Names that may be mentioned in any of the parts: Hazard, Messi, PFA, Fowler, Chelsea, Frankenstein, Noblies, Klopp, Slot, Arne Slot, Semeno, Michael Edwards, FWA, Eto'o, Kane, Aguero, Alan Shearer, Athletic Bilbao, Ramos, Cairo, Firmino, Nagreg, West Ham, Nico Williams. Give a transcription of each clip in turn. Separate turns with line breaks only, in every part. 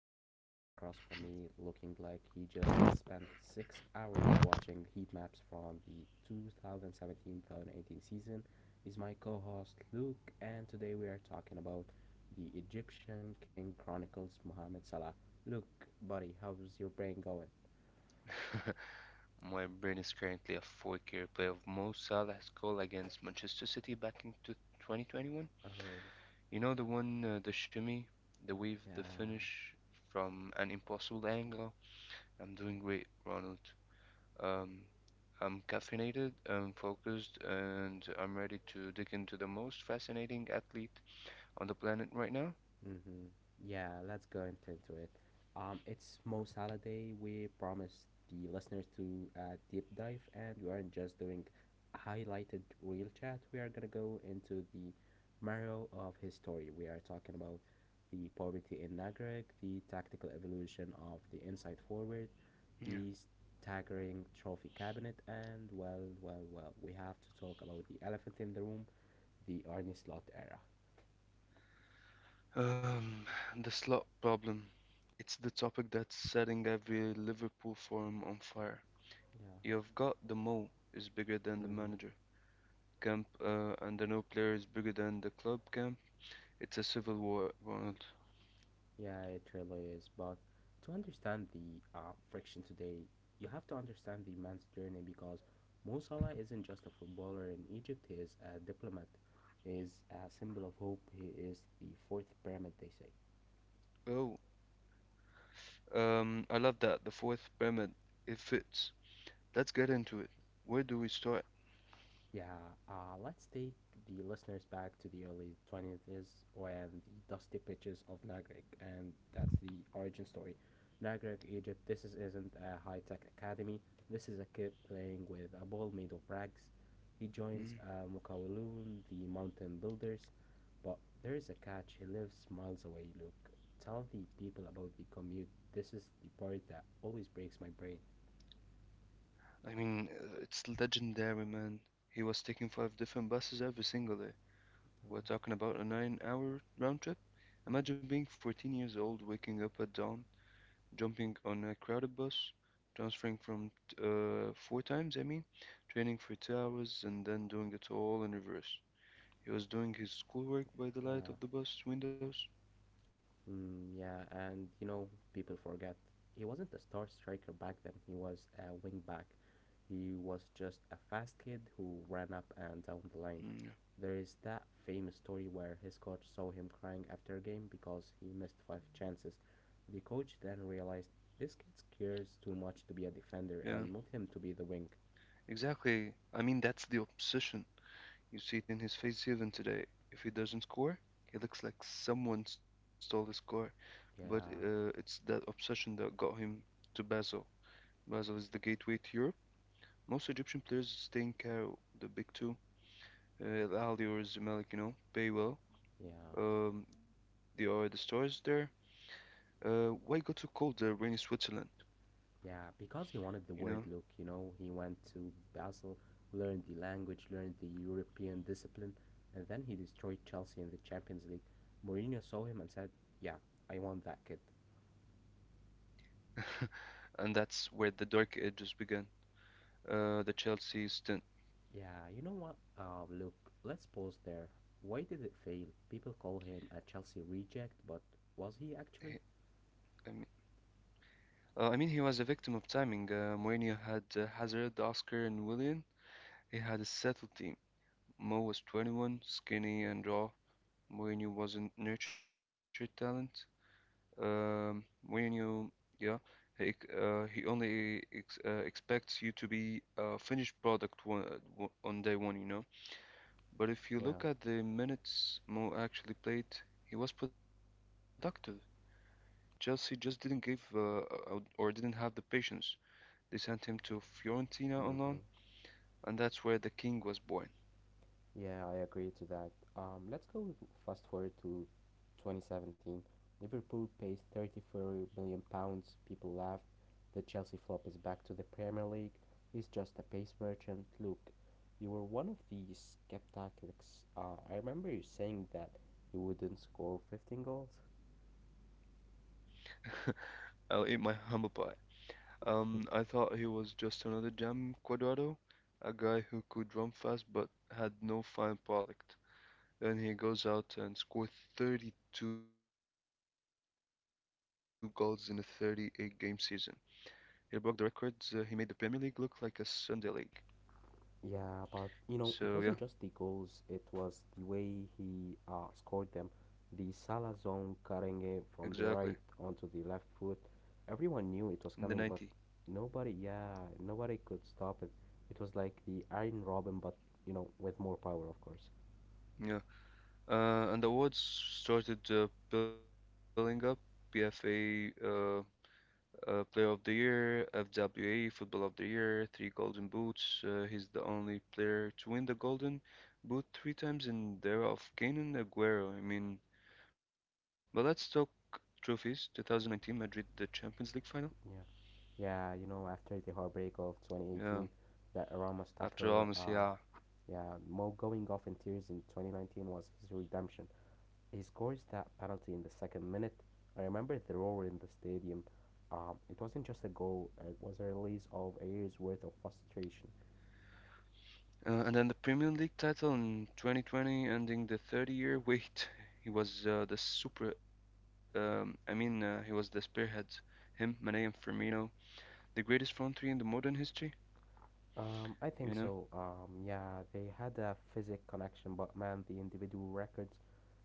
and sitting across from me, looking like he just spent 6 hours watching heat maps from the 2017 2018 season, is my co host Luke. And today we are talking about the Egyptian King Chronicles Mohamed Salah. Luke, buddy, how's your brain going?
My brain is currently a 4K replay of Mo Salah's goal against Manchester City back in 2021.
Oh.
You know the one, the shimmy, the weave, the
Yeah.
finish from an impossible angle. I'm doing great, Ronald. Um, I'm caffeinated, I'm focused, and I'm ready to dig into the most fascinating athlete on the planet right now.
Mm-hmm. Yeah, let's go into it. It's Most Holiday. We promised the listeners to deep dive, and we aren't just doing highlighted real chat. We are gonna go into the marrow of his story. We are talking about the poverty in Nagreg, the tactical evolution of the inside forward,
Yeah.
the staggering trophy cabinet, and well, well, well, we have to talk about the elephant in the room, the Arnie Slot era.
Um, the slot problem. It's the topic that's setting every Liverpool forum on fire.
Yeah.
You've got the Mo is bigger than the
Mm-hmm.
manager camp, and the no player is bigger than the club camp. It's a civil war, Ronald.
Yeah, it really is. But to understand the friction today, you have to understand the man's journey because Mo Salah isn't just a footballer in Egypt, he is a diplomat, he is a symbol of hope, he is the fourth pyramid, they say.
Oh, I love that. The fourth pyramid, it fits. Let's get into it. Where do we start?
Yeah, let's take the listeners back to the early '20s when the dusty pitches of Nagreg, and that's the origin story. Nagreg, Egypt, isn't a high tech academy, this is a kid playing with a ball made of rags. He joins
Mm.
Mukawalun, the mountain builders, but there is a catch, he lives miles away. Luke, tell the people about the commute, this is the part that always breaks my brain.
I mean, it's legendary, man. He was taking five different buses every single day. We're
Oh.
talking about a 9-hour round trip.
Mm.
Imagine being 14 years old, waking up at dawn, jumping on a crowded bus, transferring from four times, I mean, training for 2 hours, and then doing it all in reverse. He was doing his schoolwork by the light
Uh,
of the bus windows.
Mm, yeah, and people forget he wasn't a star striker back then. He was a wing back. He was just a fast kid who ran up and down the line.
Mm,
There is that famous story where his coach saw him crying after a game because he missed five chances. The coach then realized this kid cares too much to be a defender
yeah,
and moved him to be the wing.
exactly. I mean, that's the obsession. You see it in his face even today. If he doesn't score, he looks like someone stole his car. But
Yeah,
it's that obsession that got him to Basel. Basel is the gateway to Europe. Most Egyptian players stay in Cairo, the big two, Aldi or Zimalik, Baywell.
yeah.
There are the stores there. Why go to cold rainy Switzerland,
Yeah, because he wanted the
you
word
know?
look, he went to Basel, learned the language, learned the European discipline, and then he destroyed Chelsea in the Champions League. Mourinho saw him and said, yeah, I want that kid.
And that's where the dark ages began. The Chelsea stint.
Yeah, you know what? Look, let's pause there. Why did it fail? People call him a Chelsea reject, but
He-
was he actually?
I mean, I mean, he was a victim of timing. Mourinho had Hazard, Oscar, and Willian. He had a settled team. Mo was 21, skinny and raw. Mourinho wasn't nurtured talent. Um, when you, yeah, he, ex- He only ex expects you to be a finished product on day one. But if you look
Yeah.
at the minutes Mo actually played, he was productive. Chelsea just didn't give or didn't have the patience. They sent him to Fiorentina on loan,
Hmm.
and that's where the king was born.
Yeah, I agree to that. Let's go fast forward to 2017. Liverpool pays £34 million. People laughed. The Chelsea flop is back to the Premier League. It's just a pace merchant. Look, you were one of these skeptics. I remember you saying that you wouldn't score 15 goals.
I'll eat my humble pie. I thought he was just another Jam Cuadrado, a guy who could run fast but had no fine product. Then he goes out and scores 32 goals in a 38 game season. He broke the records, he made the Premier League look like a Sunday league.
Yeah, but
So, yeah,
it wasn't just the goals, it was the way he scored them. The Salah zone cutting it
exactly.
from the right onto the left foot. Everyone knew it
In
was
the
coming,
90s.
but nobody, yeah, nobody could stop it. It was like the Iron Robin, but with more power, of course.
Yeah. And the awards started building up. PFA Player of the Year, FWA Football of the Year, three Golden Boots. He's the only player to win the Golden Boot three times in the era of Kane and Aguero. I mean, but let's talk trophies. 2019 Madrid, the Champions League final.
Yeah. Yeah, after the heartbreak of
Yeah,
2018, the Ramos
after all,
tackle,
Messi, yeah.
yeah, Mo going off in tears in 2019 was his redemption. He scores that penalty in the second minute. I remember the roar in the stadium. It wasn't just a goal; it was a release of a year's worth of frustration.
And then the Premier League title in 2020, ending the 30-year wait. He was the super. I mean, he was the spearhead. Him, Mane, and Firmino, the greatest front three in the modern history.
I
You
think
know?
so. Yeah, they had a physic connection, but man, the individual records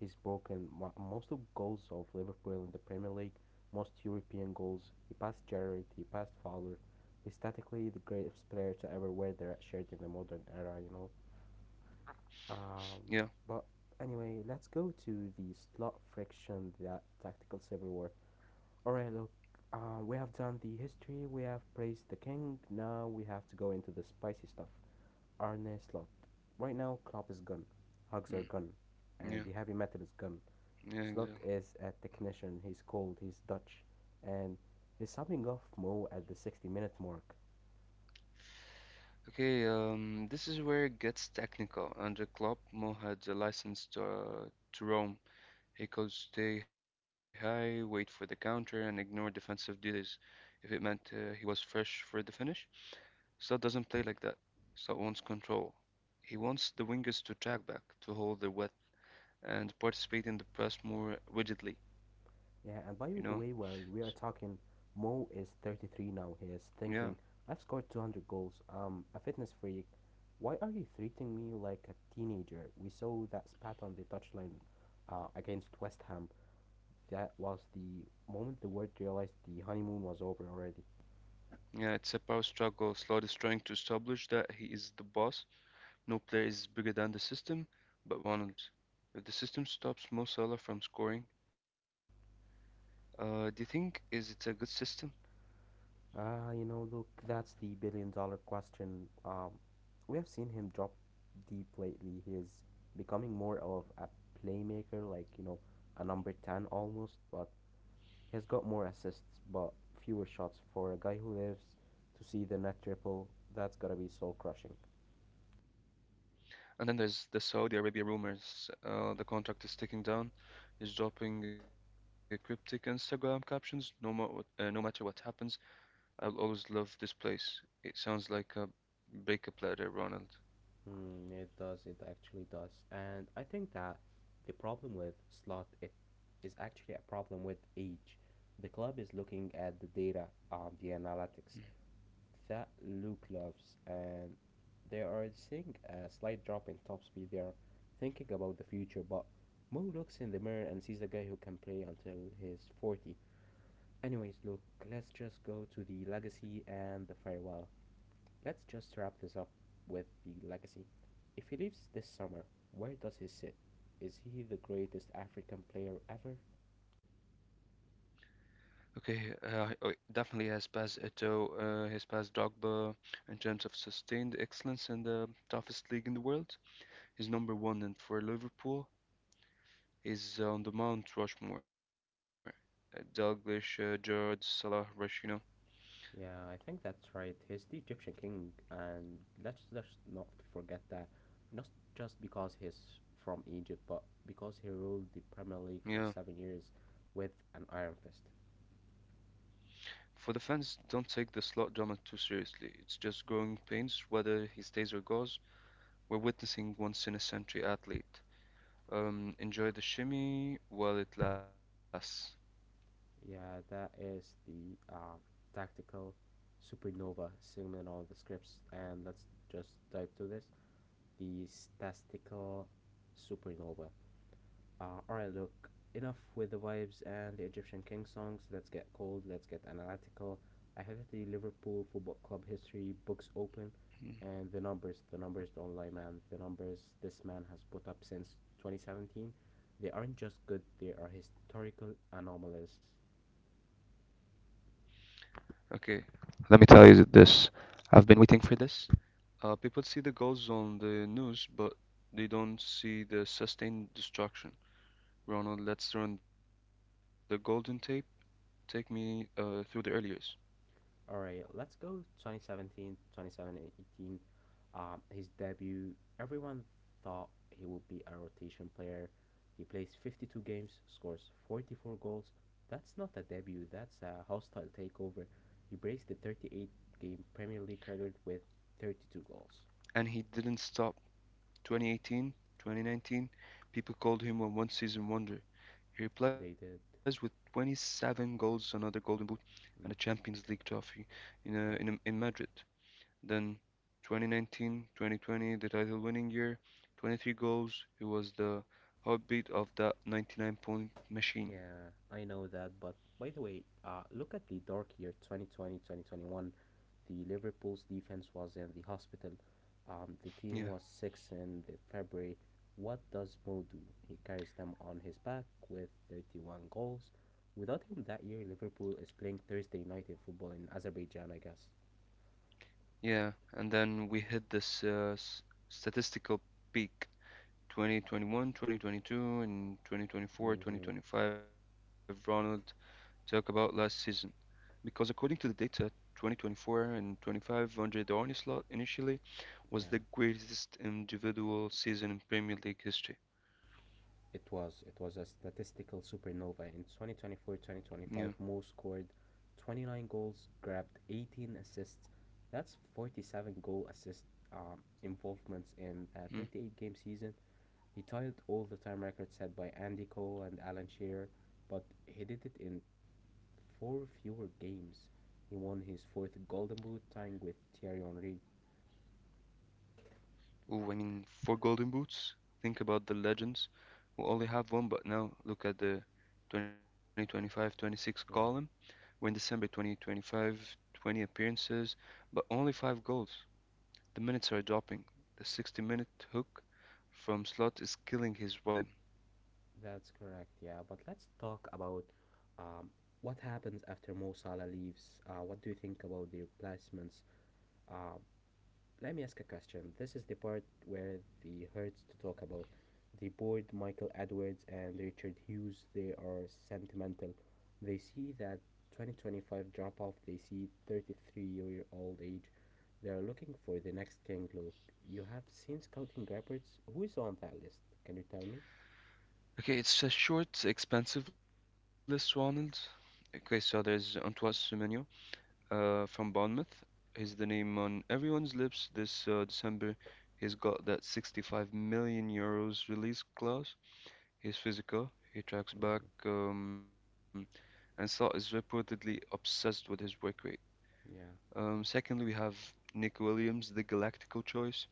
he's broken. Most of goals of Liverpool in the Premier League, most European goals. He passed Gerrard, he passed Fowler. He's statically the greatest player to ever wear the red shirt in the modern era. You know.
Yeah.
Um, but anyway, let's go to the slot friction, the tactical civil war. Alright, look, we have done the history, we have praised the king, now we have to go into the spicy stuff. Arne Slot. Right now, Klopp is gone, Hugs
Mm,
are gone, and
yeah.
the heavy metal is gone.
Yeah,
Slot
exactly.
is a technician, he's cold, he's Dutch, and he's subbing off Mo at the 60-minute mark.
Okay, this is where it gets technical. Under Klopp, Mo had a license to roam. He could stay high, wait for the counter, and ignore defensive duties if it meant he was fresh for the finish. Slot doesn't play like that. Slot wants control. He wants the wingers to track back, to hold their width, and participate in the press more rigidly, you know?
Yeah, and by the
S
way, where we are talking, Mo is 33 now. He is
Yeah.
thinking, I've scored 200 goals. A fitness freak. Why are you treating me like a teenager? We saw that spat on the touchline against West Ham. That was the moment the world realized the honeymoon was over already.
Yeah, it's a power struggle. Slot is trying to establish that he is the boss. No player is bigger than the system, but Ronald. If the system stops Mo Salah from scoring, do you think is it a good system?
Ah, look, that's the billion dollar question. We have seen him drop deep lately. He is becoming more of a playmaker, like, a number 10 almost, but he's got more assists but fewer shots for a guy who lives to see the net triple. That's gotta be soul crushing.
And then there's the Saudi Arabia rumors. The contract is ticking down. He's dropping cryptic Instagram captions. No matter what happens, I will always love this place. It sounds like a breakup letter, Ronald.
Mm, it does. It actually does. And I think that the problem with slot it is actually a problem with age. The club is looking at the data, the analytics that Luke loves, and they are seeing a slight drop in top speed. They are thinking about the future, but Mo looks in the mirror and sees a guy who can play until he's 40. Anyways, look, let's just go to the legacy and the farewell. Let's just wrap this up with the legacy. If he leaves this summer, where does he sit? Is he the greatest African player ever?
Okay, oh, definitely has passed Eto'o, has passed Drogba in terms of sustained excellence in the toughest league in the world. He's number one, and for Liverpool, he's on the Mount Rushmore. Dalglish, Gerrard, Salah, Rush.
Yeah, I think that's right. He's the Egyptian king, and let's just not forget that. Not just because he's from Egypt, but because he ruled the Premier League for
Yeah.
7 years with an iron fist.
For the fans, don't take the slot drama too seriously. It's just growing pains, whether he stays or goes. We're witnessing once in a century athlete. Enjoy the shimmy while it lasts.
Yeah, that is the tactical supernova segment of the scripts, and let's just dive to this. The statistical supernova. Alright, look, enough with the vibes and the Egyptian king songs. Let's get cold, let's get analytical. I have the Liverpool Football Club history books open,
Hmm.
and the numbers. The numbers don't lie, man. The numbers this man has put up since 2017, they aren't just good, they are historical anomalies.
Okay, let me tell you this. I've been waiting for this. People see the goals on the news, but they don't see the sustained destruction. Ronald, let's run the golden tape. Take me through the early years.
All right, let's go 2017, his debut, everyone thought he would be a rotation player. He plays 52 games, scores 44 goals. That's not a debut, that's a hostile takeover. He breaks the 38 game Premier League record with 32 goals.
And he didn't stop. 2018, 2019, people called him a one-season wonder. He replies with
They did.
27 goals, another Golden Boot, and a
Mm,
Champions League trophy in a, in
yeah.
a, in Madrid. Then 2019, 2020, the title winning year, 23 goals. He was the heartbeat of that 99 point machine.
Yeah, I know that, but by the way, look at the dark year 2020, 2021. The Liverpool's defense was in the hospital. The
Yeah,
team was six in the February. What does Mo do? He carries them on his back with 31 goals. Without him that year, Liverpool is playing Thursday night in football in Azerbaijan, I guess.
yeah. And then we hit this statistical peak 2021, 2022, and 2024,
Mm-hmm.
2025. Ronald, talk about last season because according to the data, 2024 and 25 Andre the slot initially was the
Yeah,
greatest individual season in Premier League history.
it was. It was a statistical supernova. In twenty
Yeah.
twenty-four, 2025. 2025 Mo scored 29 goals, grabbed 18 assists. That's 47 goal assist involvements in
Mm.
a 38 game season. He tied all the time records set by Andy Cole and Alan Shearer, but he did it in four fewer games. He won his fourth Golden Boot, tying with Thierry Henry.
Ooh, I mean, four golden boots. Think about the legends who only have one, but now look at the 2025-26 column.
Yeah,
We're in December 2025 20 appearances, but only five goals. The minutes are dropping. The 60-minute hook from Slot is killing his rhythm.
that's correct. Yeah, but let's talk about um, what happens after Mo Salah leaves. What do you think about the replacements? Uh, Let me ask a question. This is the part where the hurts to talk about the board Michael Edwards and Richard Hughes. They are sentimental. They see that 2025 drop off. They see 33-year-old age. They are looking for the next King Luke. You have seen scouting reports. Who is on that list? Can you tell me?
Okay, it's a short, expensive list, Ronald. Okay, so there's Antoine Semenyo from Bournemouth. He's the name on everyone's lips this December. He's got that €65 million release clause. He's physical, he tracks
Mm-hmm.
back, and Slot is reportedly obsessed with his work rate.
Yeah,
Secondly, we have Nick Williams, the Galactical choice.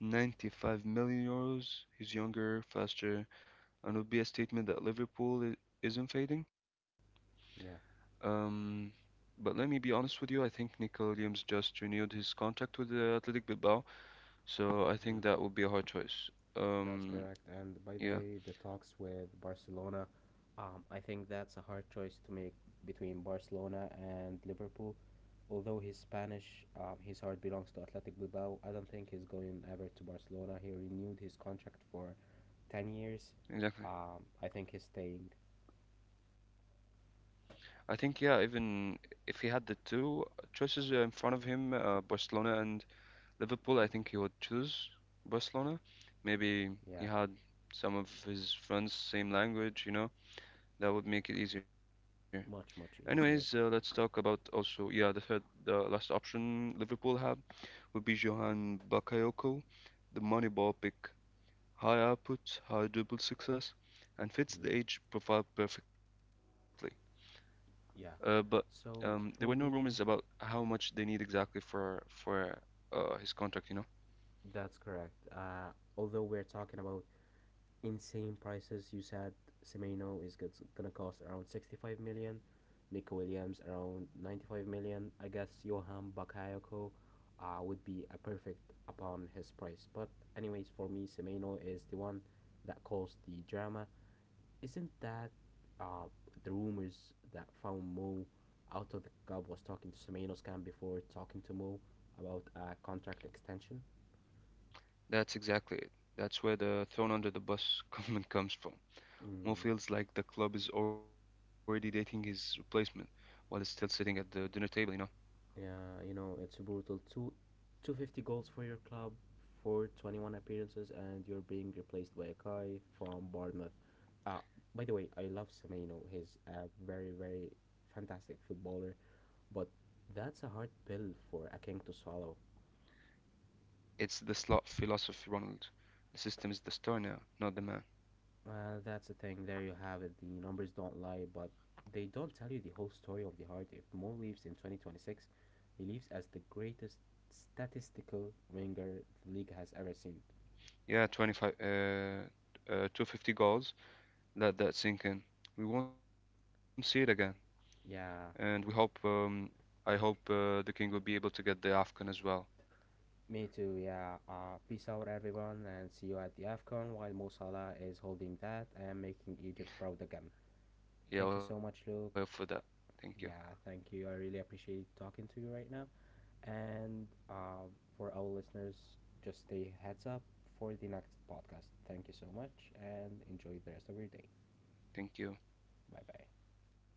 €95 million. He's younger, faster, and would be a statement that Liverpool isn't fading.
yeah.
Um, but let me be honest with you. I think Nico Williams just renewed his contract with the Athletic Bilbao, so I
Mm-hmm.
think that would be a hard choice.
That's
Um,
correct. And by the
yeah,
way, the talks with Barcelona, I think that's a hard choice to make between Barcelona and Liverpool. Although he's Spanish, his heart belongs to Athletic Bilbao. I don't think he's going ever to Barcelona. He renewed his contract for 10 years.
exactly.
I think he's staying.
I think, yeah, even if he had the two choices in front of him, Barcelona and Liverpool, I think he would choose Barcelona. Maybe
Yeah,
he had some of his friends same language, that would make it easier.
much,
Anyways,
much
let's talk
easier.
about, also, yeah, the third, the last option Liverpool have would be Johan Bakayoko, the Moneyball pick, high output, high dribble success, and fits
Mm.
the age profile perfectly. Uh, but
Yeah.
um, there were
So
no
for
rumors
me,
about how much they need exactly for his contract, you know?
that's correct. Although we're talking about insane prices. You said Semeno is gonna cost around 65 million, Nico Williams around 95 million. I guess Johan Bakayoko would be a perfect upon his price. But anyways, for me, Semeno is the one that caused the drama. Isn't that uh, the rumors that found Mo out of the club was talking to Semeno's camp before talking to Mo about a contract extension?
That's exactly it. That's where the thrown under the bus comment comes from. Mo
Mm,
feels like the club is already dating his replacement while he's still sitting at the dinner table, you know?
yeah, it's brutal. 250 goals for your club for 21 appearances, and you're being replaced by a guy from Bournemouth. Uh, by the way, I love Semeno. He's a very, very fantastic footballer, but that's a hard pill for a king to swallow.
It's the slot philosophy, Ronald. The system is the star now, not the man.
Well, that's the thing. There you have it. The numbers don't lie, but they don't tell you the whole story of the heart. If Mo leaves in 2026, he leaves as the greatest statistical winger the league has ever seen.
Yeah, 250 goals. Let that sink in. We won't see it again. And we hope,
Yeah,
I hope the King will be able to get the AFCON as well.
me too, yeah. Peace out, everyone, and see you at the AFCON while Mo Salah is holding that and making Egypt proud again.
Yeah, I'll
Thank you
help
so
for that.
much, Luke.
Thank you.
Yeah, thank you. I really appreciate talking to you right now. And for our listeners, just stay heads up for the next podcast. Thank you so much and enjoy the rest of your day.
Thank you.
Bye bye.
Bye.